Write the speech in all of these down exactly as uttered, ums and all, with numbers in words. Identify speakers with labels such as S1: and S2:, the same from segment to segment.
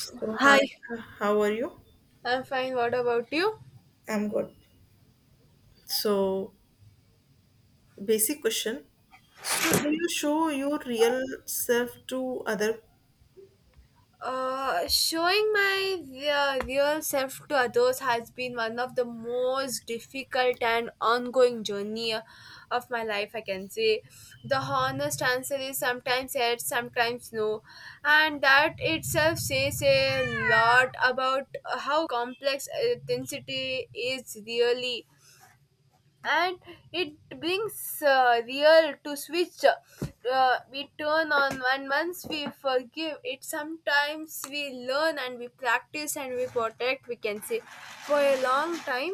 S1: So hi,
S2: Hi,
S1: how are you?
S2: I'm fine. What about you?
S1: I'm good. So basic question. So do you show your real self to other?
S2: Uh, showing my uh, real self to others has been one of the most difficult and ongoing journey uh, of my life. I can say the honest answer is sometimes yes, sometimes no, and that itself says a lot about how complex authenticity is really. And it brings uh, real to switch uh, we turn on, and once we forgive it, sometimes we learn and we practice and we protect, we can say. For a long time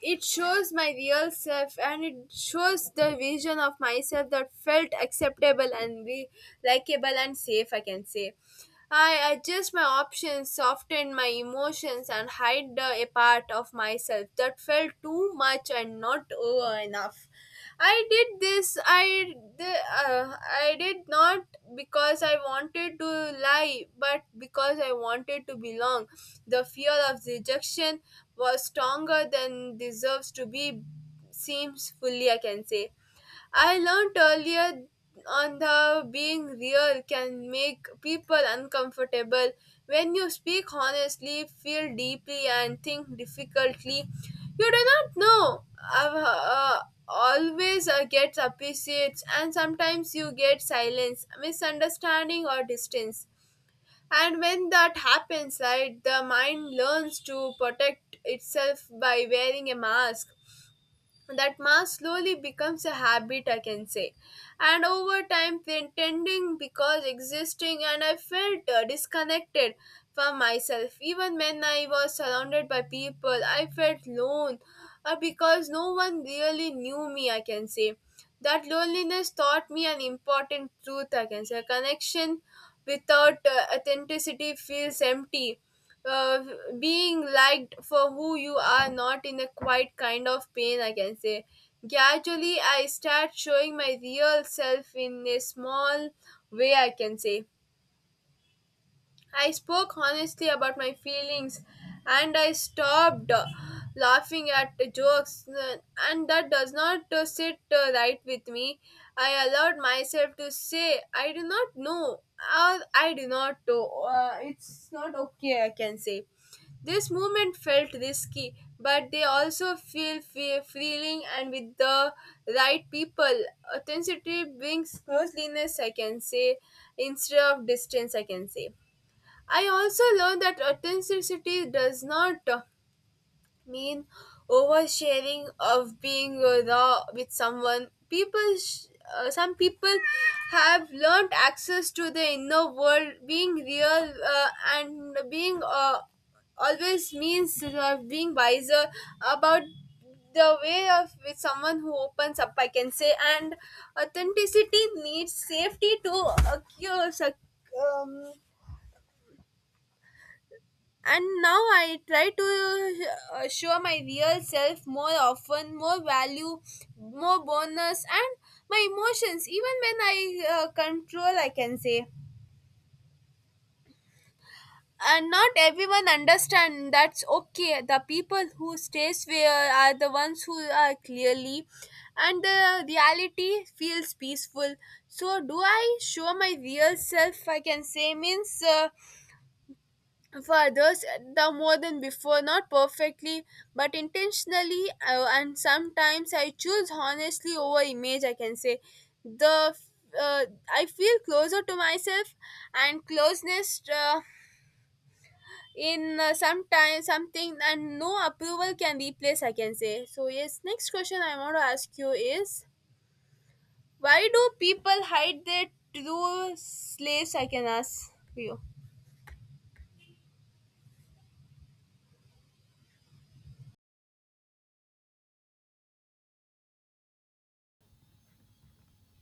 S2: it shows my real self, and it shows the vision of myself that felt acceptable and be likable and safe, I can say. I adjust my options, soften my emotions, and hide the, a part of myself that felt too much and not uh, enough. I did this. I the, uh, I did not because I wanted to lie, but because I wanted to belong. The fear of rejection was stronger than deserves to be. Seems fully, I can say. I learned earlier on the being real can make people uncomfortable. When you speak honestly, feel deeply, and think difficultly, you do not know. Uh, uh, Always uh, gets appreciates, and sometimes you get silence, misunderstanding, or distance. And when that happens, right, the mind learns to protect itself by wearing a mask. That mass slowly becomes a habit, I can say, and over time pretending because existing, and I felt uh, disconnected from myself. Even when I was surrounded by people, I felt alone, uh, because no one really knew me, I can say. That loneliness taught me an important truth, I can say. Connection without uh, authenticity feels empty. uh, Being liked for who you are not in a quiet kind of pain, I can say. Gradually I start showing my real self in a small way, I can say. I spoke honestly about my feelings, and I stopped uh, laughing at the jokes, uh, and that does not uh, sit uh, right with me. I allowed myself to say, I do not know, or I do not know. Uh, it's not okay, I can say. This movement felt risky, but they also feel fe- feeling and with the right people. Authenticity brings closeness, I can say, instead of distance, I can say. I also learned that authenticity does not uh, mean oversharing of being uh, raw with someone. People, sh- uh, some people have learned access to the inner world. Being real uh, and being uh, always means uh, being wiser about the way of with someone who opens up. I can say, and authenticity needs safety to occur. sec- Um, and now I try to uh, show my real self more often, more value, more bonus, and my emotions even when I uh, control, I can say. And not everyone understand, that's okay. The people who stays where are the ones who are clearly, and the reality feels peaceful. So do I show my real self, I can say, means uh, for others, the more than before, not perfectly but intentionally, uh, and sometimes I choose honestly over image, I can say. The uh, I feel closer to myself, and closeness uh, in uh, some time something, and no approval can replace, I can say. So yes, next question I want to ask you is, why do people hide their true slaves, I can ask you.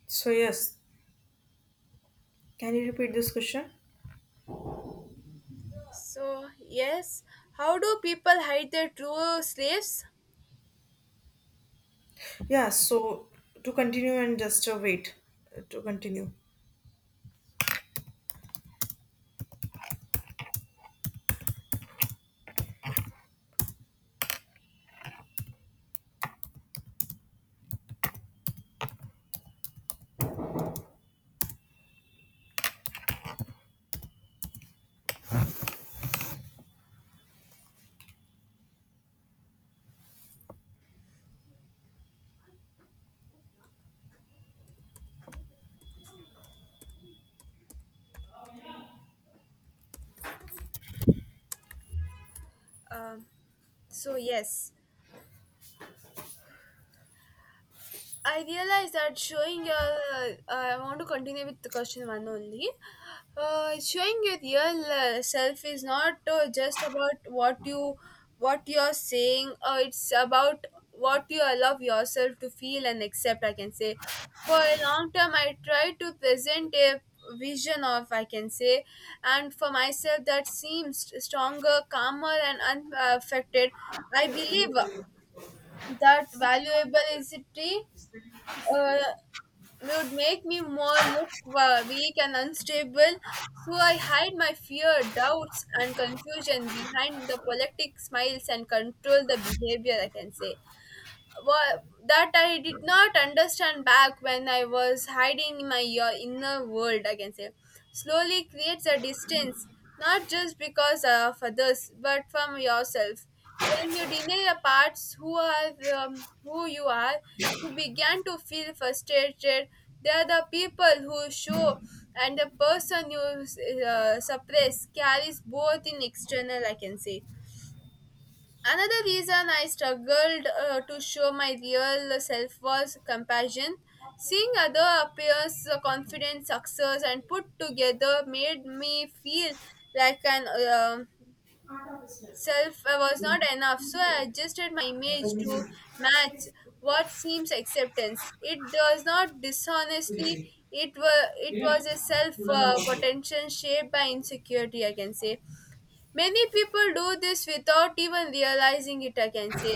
S1: So yes, can you repeat this question?
S2: So, yes, how do people hide their true slaves?
S1: Yeah, so to continue and just uh, wait uh, to continue.
S2: Um so, yes. I realize that showing your, uh, I want to continue with the question one only. Uh, showing your real uh, self is not uh, just about what you, what you're saying. Uh, it's about what you allow yourself to feel and accept. I can say, for a long time, I tried to present a vision of, I can say, and for myself that seems stronger, calmer, and unaffected. I believe that valuable is it. Uh, would make me more look uh, weak and unstable. So I hide my fear, doubts, and confusion behind the politic smiles and control the behavior, I can say. wa- that I did not understand back when I was hiding in my uh, inner world, I can say, slowly creates a distance, not just because of others, but from yourself. When you deny the parts who are um, who you are, you began to feel frustrated. They are the people who show, and the person you uh, suppress carries both in external, I can say. Another reason I struggled uh, to show my real self was compassion. Seeing other peers' confident success and put together made me feel like an um self I was not enough. So I adjusted my image to match what seems acceptance. It does not dishonestly. It was it was a self uh, potential shaped by insecurity. I can say many people do this without even realizing it. I can say,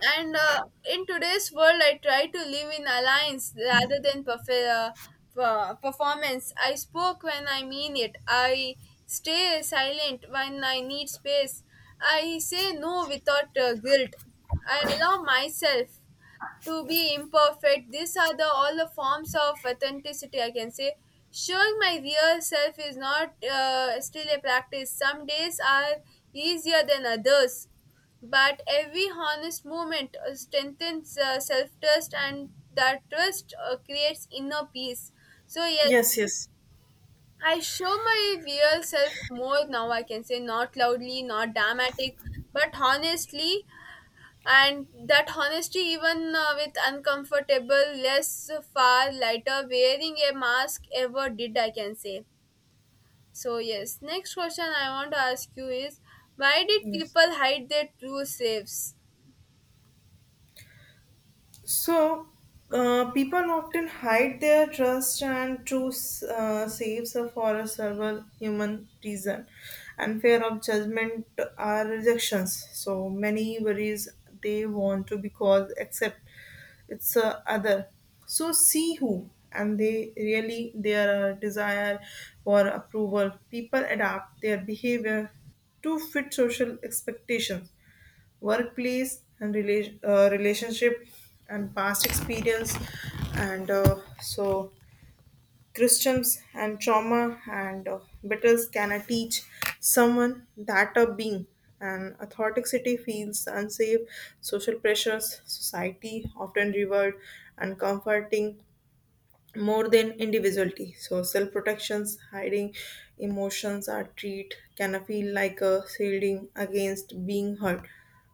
S2: and uh, in today's world I try to live in alliance rather than perf- uh, per- performance. I spoke when I mean it, I stay silent when I need space, I say no without uh, guilt, I allow myself to be imperfect. These are the all the forms of authenticity, I can say. Showing my real self is not uh, still a practice. Some days are easier than others, but every honest moment uh, strengthens uh, self-trust, and that trust uh, creates inner peace. So yes,
S1: Yes, yes.
S2: I show my real self more now, I can say, not loudly, not dramatic, but honestly, and that honesty even uh, with uncomfortable less far lighter wearing a mask ever did, I can say. So yes, next question I want to ask you is, why did
S1: Yes.
S2: people hide their true selves?
S1: So, uh, people often hide their trust and choose uh, saves for a several human reason and fear of judgment are rejections. So, many worries they want to because accept it's a other. So, see who and they really their uh, desire for approval. People adapt their behavior to fit social expectations workplace and rela- uh, relationship and past experience and uh, so christians and trauma and uh, battles can I teach someone that a being and authenticity feels unsafe social pressures society often reward and comforting more than individuality. So self protections, hiding emotions are treat can feel like a shielding against being hurt.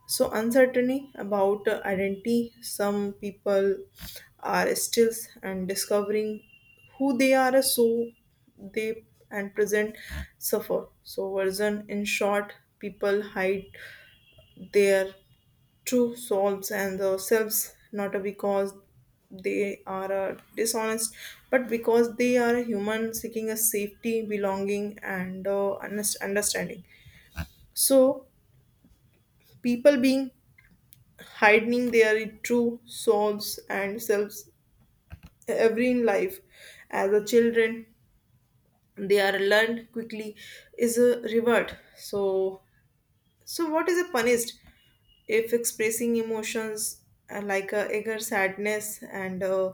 S1: So uncertainty about uh, identity, some people are still and discovering who they are, so they and present suffer. So version in short, people hide their true selves and the selves not because they are uh, dishonest, but because they are a human seeking a safety belonging and uh, honest understanding. So people being hiding their true souls and selves every in life as a children, they are learned quickly is a reward. So so what is a punished if expressing emotions uh, like uh, anger, sadness, and uh,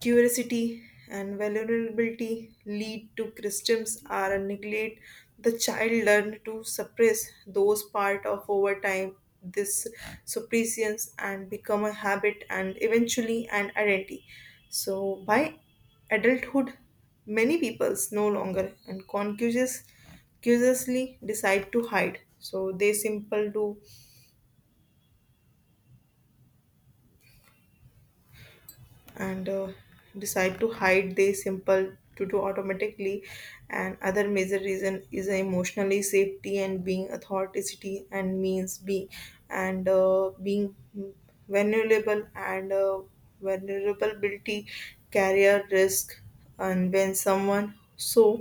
S1: curiosity and vulnerability lead to systems are neglect. The child learn to suppress those part of over time, this suppression and become a habit and eventually an identity. So by adulthood, many peoples no longer and conscious- consciously decide to hide. So they simple do and uh, decide to hide, they simple to do automatically. And other major reason is emotionally safety and being authenticity and means being and uh, being vulnerable and uh, vulnerability career risk. And when someone so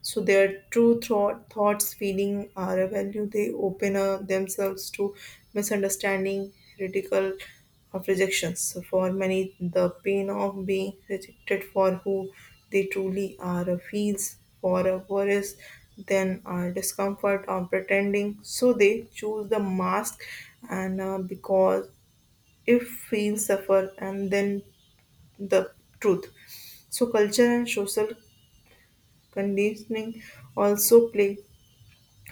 S1: so their true thought, thoughts feeling are a value, they open uh, themselves to misunderstanding, ridicule of rejections. So, for many, the pain of being rejected for who they truly are feels far worse than our discomfort of pretending. So they choose the mask, and uh, because if feels suffer, and then the truth. So culture and social conditioning also play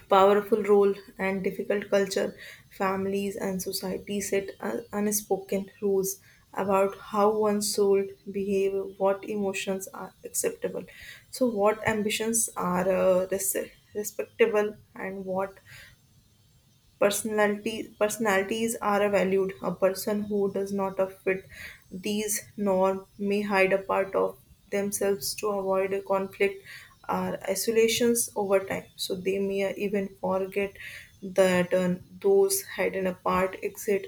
S1: powerful role, and difficult culture, families and society set un- unspoken rules about how one's soul behave, what emotions are acceptable, so what ambitions are uh, res- respectable, and what personality, personalities are valued. A person who does not fit these norms may hide a part of themselves to avoid a conflict or isolations over time. So they may even forget that uh, those hidden apart exist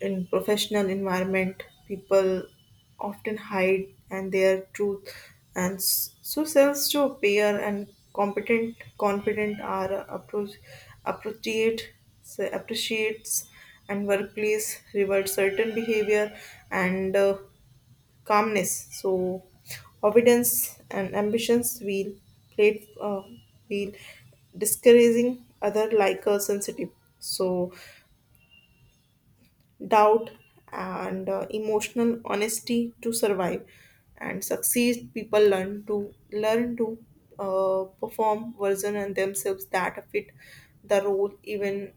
S1: in professional environment. People often hide and their truth, and s- so sells to appear and competent, confident are appro- appropriate, so appreciates, and workplace reward certain behavior and uh, calmness. So, obedience and ambitions will play uh, will discouraging other like uh, sensitive. So doubt and uh, emotional honesty to survive and succeed, people learn to learn to uh, perform version and themselves that fit the role, even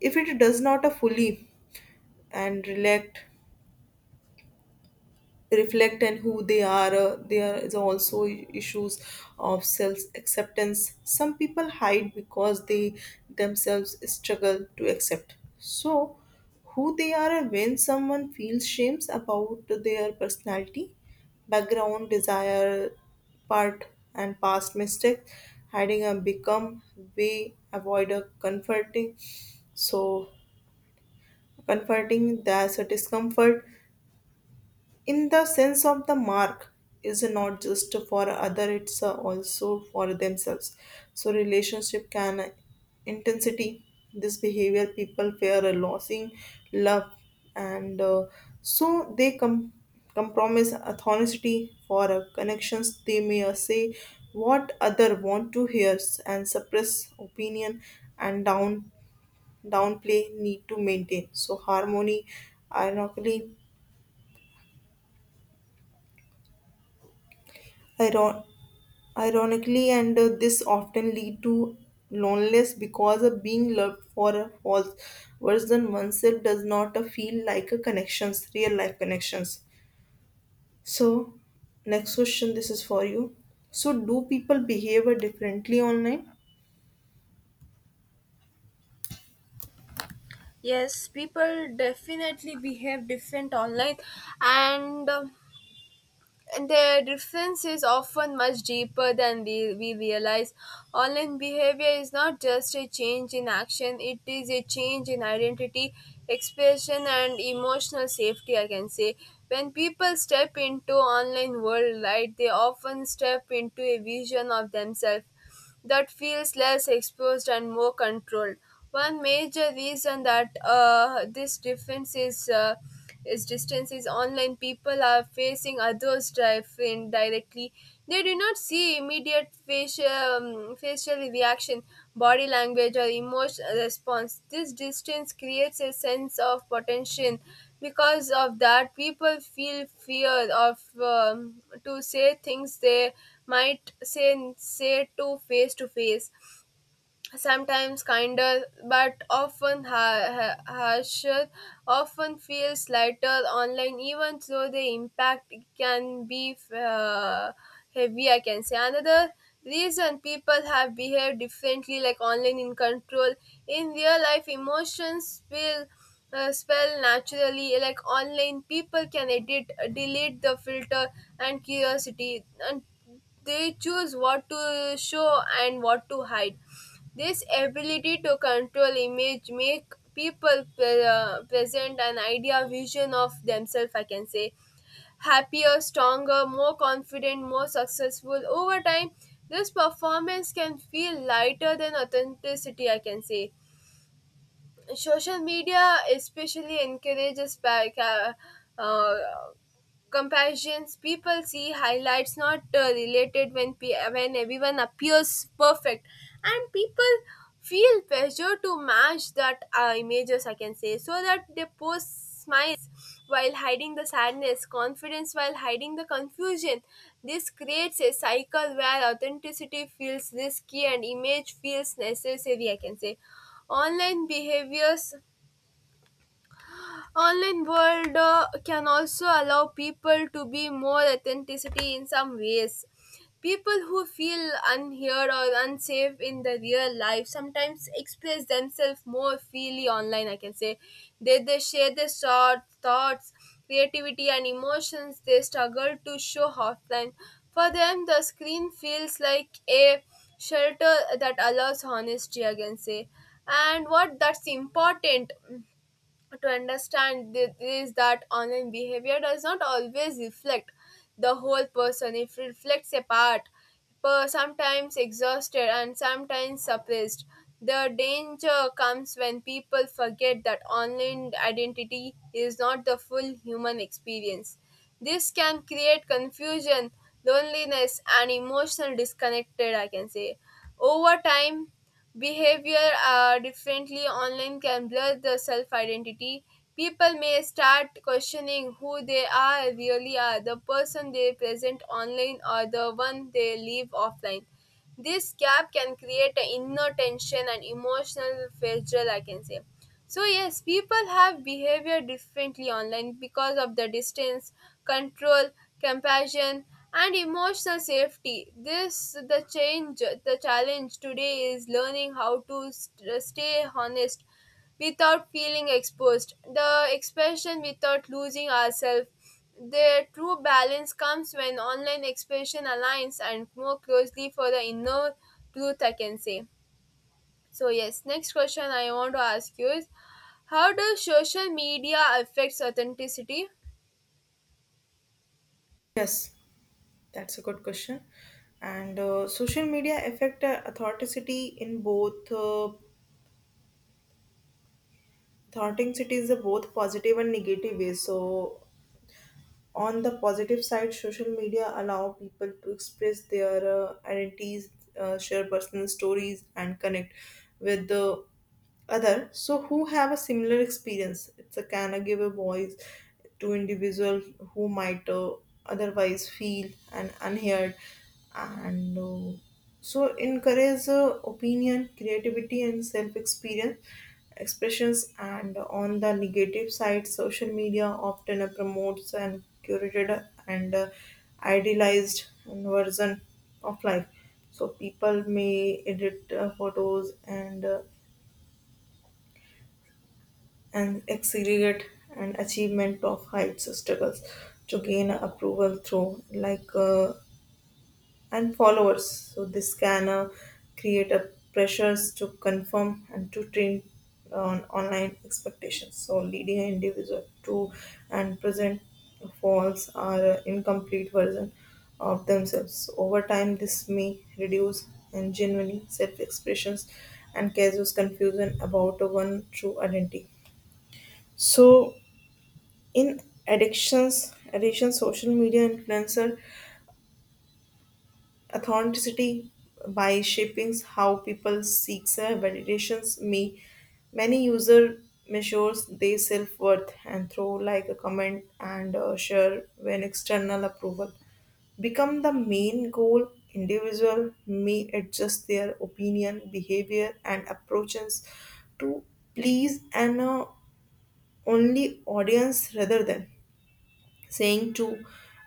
S1: if it does not uh, fully and relate reflect and who they are. Uh, there is also issues of self acceptance. Some people hide because they themselves struggle to accept so who they are. And when someone feels shames about their personality, background, desire, part and past mistakes, hiding a become way avoid a comforting, so comforting that's a discomfort in the sense of the mark is not just for other, it's uh, also for themselves. So relationship can intensity this behavior. People fear a losing love and uh, so they com- compromise authority for uh, connections. They may uh, say what other want to hear, s- and suppress opinion and down downplay need to maintain so harmony. ironically iron Ironically, and uh, this often lead to loneliness because of being loved for a false version oneself does not uh, feel like a connections, real life connections. So, next question, this is for you. So, do people behave uh, differently online?
S2: Yes, people definitely behave different online, and um, and their difference is often much deeper than we, we realize. Online behavior is not just a change in action, it is a change in identity, expression, and emotional safety, I can say. When people step into online world, right, they often step into a vision of themselves that feels less exposed and more controlled. One major reason that uh, this difference is uh, is distance is online. People are facing others driving directly. They do not see immediate facial um, facial reaction, body language, or emotional response. This distance creates a sense of potential. Because of that, people feel fear of um, to say things they might say say to face to face, sometimes kinder but often ha- ha- harsher, often feels lighter online, even though the impact can be uh, heavy, I can say. Another reason people have behaved differently like online in control. In real life emotions spill uh, spell naturally. Like online, people can edit, delete, the filter and curiosity, and they choose what to show and what to hide. This ability to control image make people pre- uh, present an idea vision of themselves, I can say, happier, stronger, more confident, more successful. Over time this performance can feel lighter than authenticity, I can say. Social media especially encourages pa- ca- uh, comparisons. People see highlights not uh, related. When pe- when everyone appears perfect and people feel pressure to match that uh, images, I can say, so that they post smiles while hiding the sadness, confidence while hiding the confusion. This creates a cycle where authenticity feels risky and image feels necessary, I can say. Online behaviors, online world uh, can also allow people to be more authenticity in some ways. People who feel unheard or unsafe in the real life sometimes express themselves more freely online, I can say. they, they share their short thoughts, creativity, and emotions they struggle to show offline. For them the screen feels like a shelter that allows honesty, I can say. And what that's important to understand thi- is that online behavior does not always reflect the whole person. It reflects a part, per- sometimes exhausted and sometimes suppressed. The danger comes when people forget that online identity is not the full human experience. This can create confusion, loneliness, and emotional disconnected, I can say. Over time, behavior uh, differently online can blur the self identity. People may start questioning who they are really are, the person they present online or the one they leave offline. This gap can create an inner tension and emotional fragile, I can say. So, yes, people have behavior differently online because of the distance, control, compassion, and emotional safety. This the change, the challenge today is learning how to st- stay honest without feeling exposed. The expression without losing ourselves. The true balance comes when online expression aligns and more closely for the inner truth, I can say. So yes, next question I want to ask you is, how does social media affects authenticity?
S1: Yes, that's a good question. And uh, social media affect uh, authenticity in both uh, authenticity is a both positive and negative ways. So on the positive side, social media allow people to express their uh, identities, uh, share personal stories and connect with the other so who have a similar experience. It's a can a give a voice to individual who might uh, otherwise feel and unheard and uh, so encourage uh, opinion creativity and self experience expressions. And on the negative side, social media often promotes an curated and uh, idealized version of life. So people may edit uh, photos and uh, and exaggerate an achievement of heights struggles to gain approval through like uh, and followers. So this can uh, create a pressures to conform and to train on online expectations. So leading an individual to and present false or uh, incomplete version of themselves. So, over time, this may reduce and genuine self-expressions and causes confusion about one true identity. So in addictions, addiction, social media influencer authenticity by shaping how people seek validations. Me, many user measures their self worth and throw like a comment and uh, share. When external approval become the main goal, individual may adjust their opinion, behavior, and approaches to please an uh, only audience rather than saying to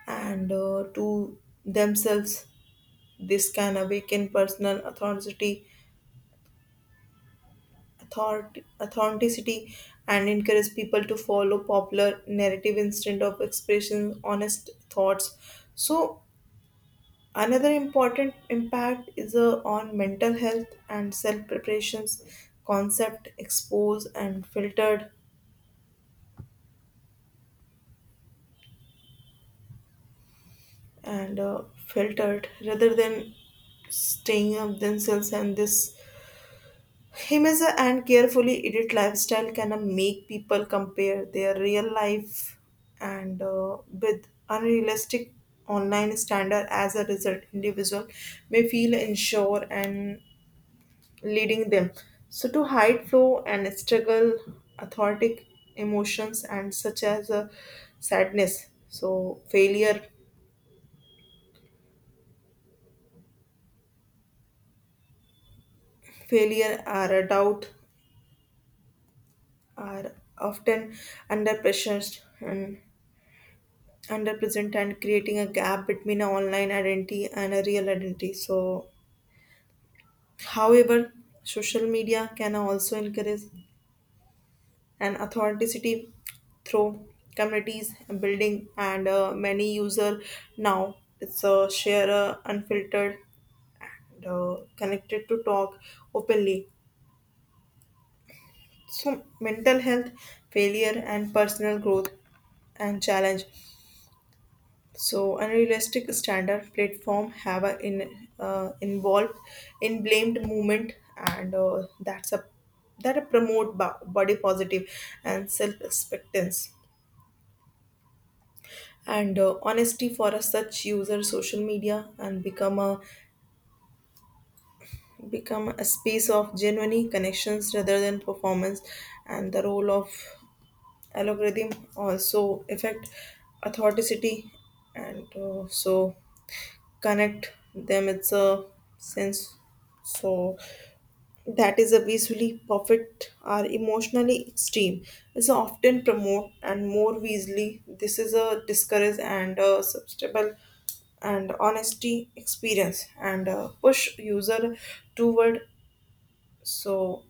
S1: and uh, to themselves. This can awaken personal authority, authority, authenticity, and encourage people to follow popular narrative instead of expressing honest thoughts. So, another important impact is uh, on mental health and self preparations. Concept exposed and filtered, and uh, filtered rather than staying up themselves, and this Himasa and carefully edit lifestyle can uh, make people compare their real life and uh, with unrealistic online standard. As a result, individual may feel unsure and leading them. So to hide flow and struggle, authentic emotions and such as uh, sadness. So failure, failure or a doubt are often under pressure and underpresent and creating a gap between an online identity and a real identity. So, however, social media can also encourage an authenticity through communities and building, and uh, many user now it's a share uh, unfiltered, and, uh, connected to talk openly. So, mental health, failure, and personal growth and challenge. So unrealistic standard platform have a in uh, involved in blamed movement and uh, that's a that a promote bo- body positive and self acceptance and uh, honesty. For a such user, social media and become a become a space of genuine connections rather than performance. And the role of algorithm also affect authenticity and uh, so connect them it's a sense, so that is a visually perfect or emotionally extreme is often promote and more easily. This is a discourage and a substable and honesty experience and uh, push user toward so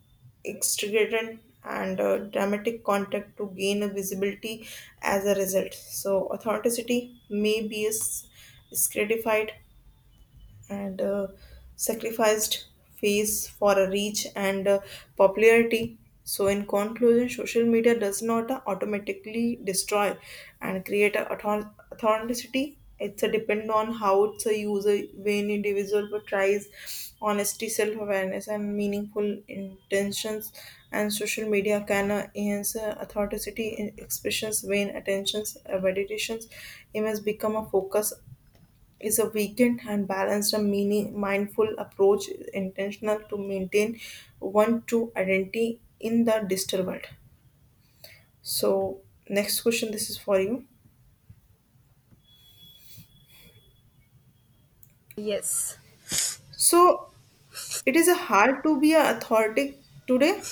S1: extravagant and uh, dramatic contact to gain a visibility. As a result, so authenticity may be is- is credified and uh, sacrificed face for a reach and uh, popularity. So, in conclusion, social media does not uh, automatically destroy and create a author- authenticity. It's a depend on how it's a user. When individual portrays honesty, self awareness, and meaningful intentions. And social media can uh, enhance uh, authenticity in expressions when attentions, uh, meditations. It must become a focus is a weakened and balanced a meaning, mindful approach intentional to maintain one true identity in the digital world. So next question, this is for you.
S2: Yes.
S1: So it is a hard to be a authority today?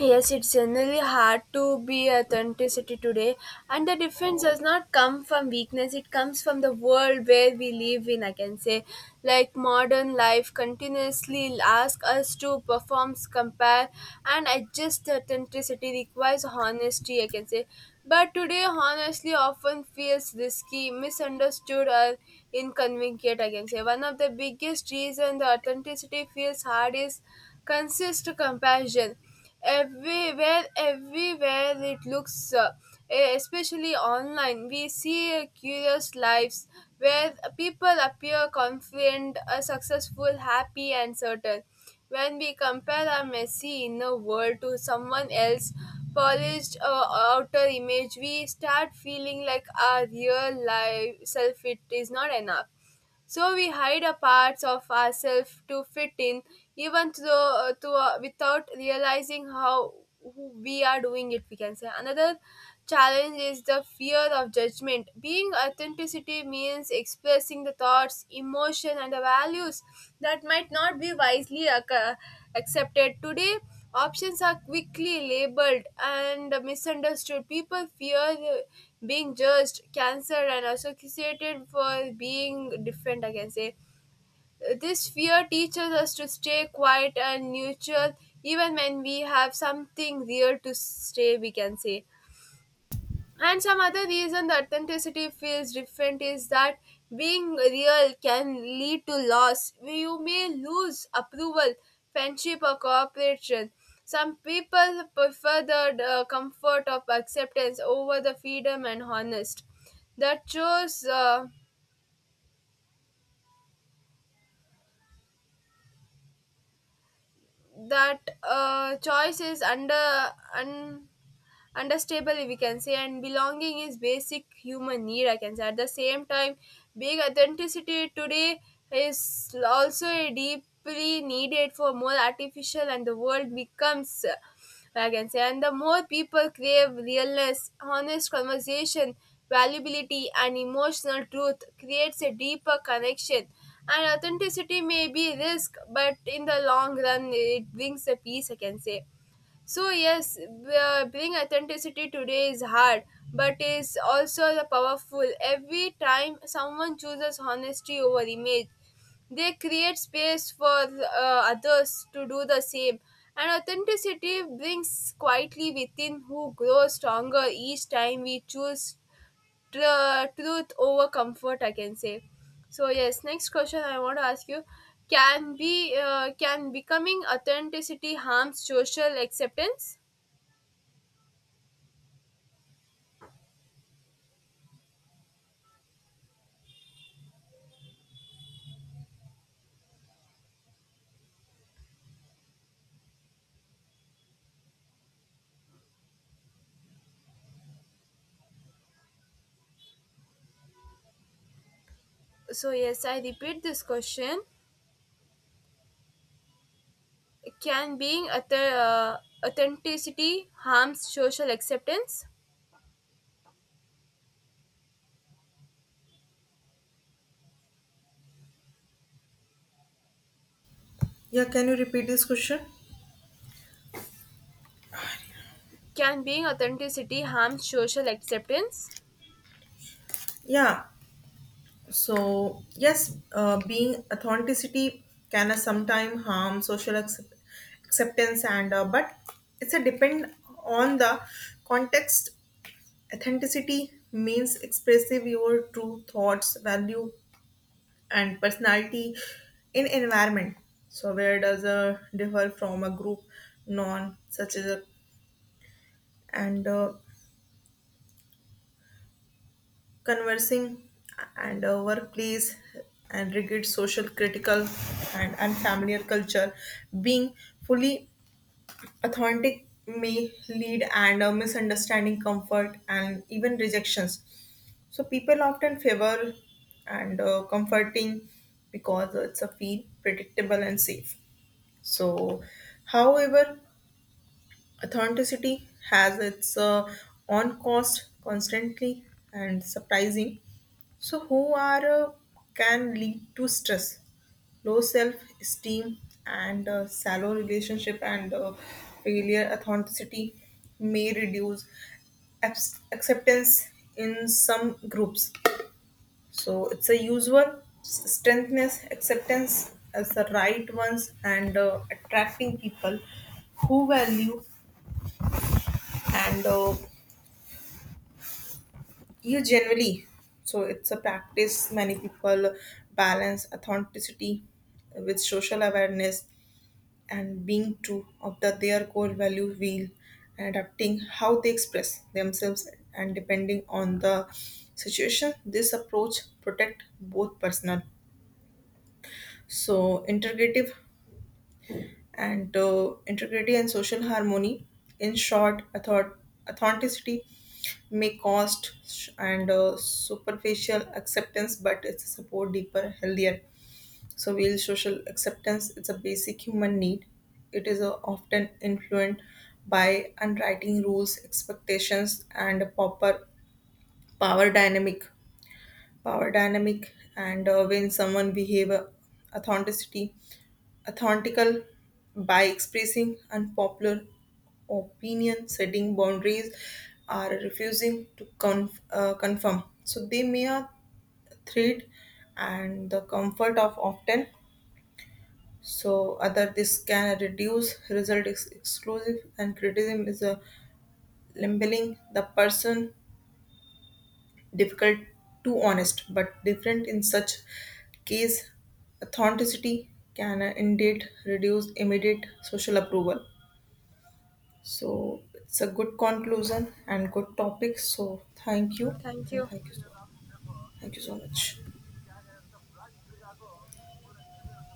S2: Yes, it's generally hard to be authenticity today, and the difference does not come from weakness. It comes from the world where we live in. I can say, like modern life continuously asks us to perform, compare, and adjust. Authenticity requires honesty, I can say, but today honestly often feels risky, misunderstood, or inconvenient. I can say one of the biggest reasons the authenticity feels hard is consist comparison. Everywhere everywhere it looks, uh, especially online, we see curious lives where people appear confident, uh, successful, happy, and certain. When we compare our messy inner world to someone else's polished uh, outer image, we start feeling like our real life self, it is not enough. So we hide a parts of ourselves to fit in, even though uh, to, uh, without realizing how who we are doing it. We can say another challenge is the fear of judgment. Being authenticity means expressing the thoughts, emotion, and the values that might not be wisely ac- accepted today. Options are quickly labeled and misunderstood. People fear being judged, cancelled, and associated for being different, I can say. This fear teaches us to stay quiet and neutral even when we have something real to say, we can say. And some other reason the authenticity feels different is that being real can lead to loss. You may lose approval, friendship, or cooperation. Some people prefer the uh, comfort of acceptance over the freedom and honest. That shows uh, that uh, choice is under un- understable, we can say, and belonging is basic human need, I can say. At the same time, being authenticity today is also deeply needed for more artificial, and the world becomes uh, I can say, and the more people crave realness, honest conversation, valuability, and emotional truth creates a deeper connection. And authenticity may be risk, but in the long run it brings a peace, I can say. So yes, b- uh, being authenticity today is hard, but is also the powerful. Every time someone chooses honesty over image, they create space for uh, others to do the same. And authenticity brings quietly within who grows stronger each time we choose tr- uh, truth over comfort, I can say. So yes, next question I want to ask you: can be uh, can becoming authenticity harm social acceptance? So yes, I repeat this question: can being auth- uh, authenticity harm social acceptance?
S1: Yeah, can you repeat this question?
S2: Can being authenticity harm social acceptance?
S1: Yeah, so yes, uh, being authenticity can uh, sometime harm social accept- acceptance and uh, but it's a depend on the context. Authenticity means expressive your true thoughts, value, and personality in environment. So where does a differ from a group non such as a, and uh, conversing and a workplace and rigid social critical and unfamiliar culture, being fully authentic may lead and a misunderstanding comfort and even rejections. So people often favor and uh, comforting because it's a feel predictable and safe. So, however, authenticity has its uh, on cost constantly and surprising. So, who are uh, can lead to stress, low self esteem, and uh, shallow relationship and uh, failure. Authenticity may reduce abs- acceptance in some groups, so it's a usual strengthness, acceptance as the right ones, and uh, attracting people who value and uh, you generally. So it's a practice. Many people balance authenticity with social awareness and being true of the, their core value wheel and adapting how they express themselves and depending on the situation. This approach protect both personal so integrative and uh, integrity and social harmony. In short, author- authenticity may cost sh- and uh, superficial acceptance, but it's a support deeper, healthier. So, real social acceptance it's a basic human need. It is uh, often influenced by unwriting rules, expectations, and a proper power dynamic power dynamic and uh, when someone behave uh, authenticity authentical by expressing unpopular opinion, setting boundaries or refusing to conf- uh, confirm, so they may a threat and the comfort of often so other. This can reduce result ex- exclusive and criticism is a labeling the person difficult to honest, but different in such case authenticity can uh, indeed reduce immediate social approval. So it's a good conclusion and good topic. So thank you
S2: Thank
S1: and
S2: you.
S1: thank you so thank you so much.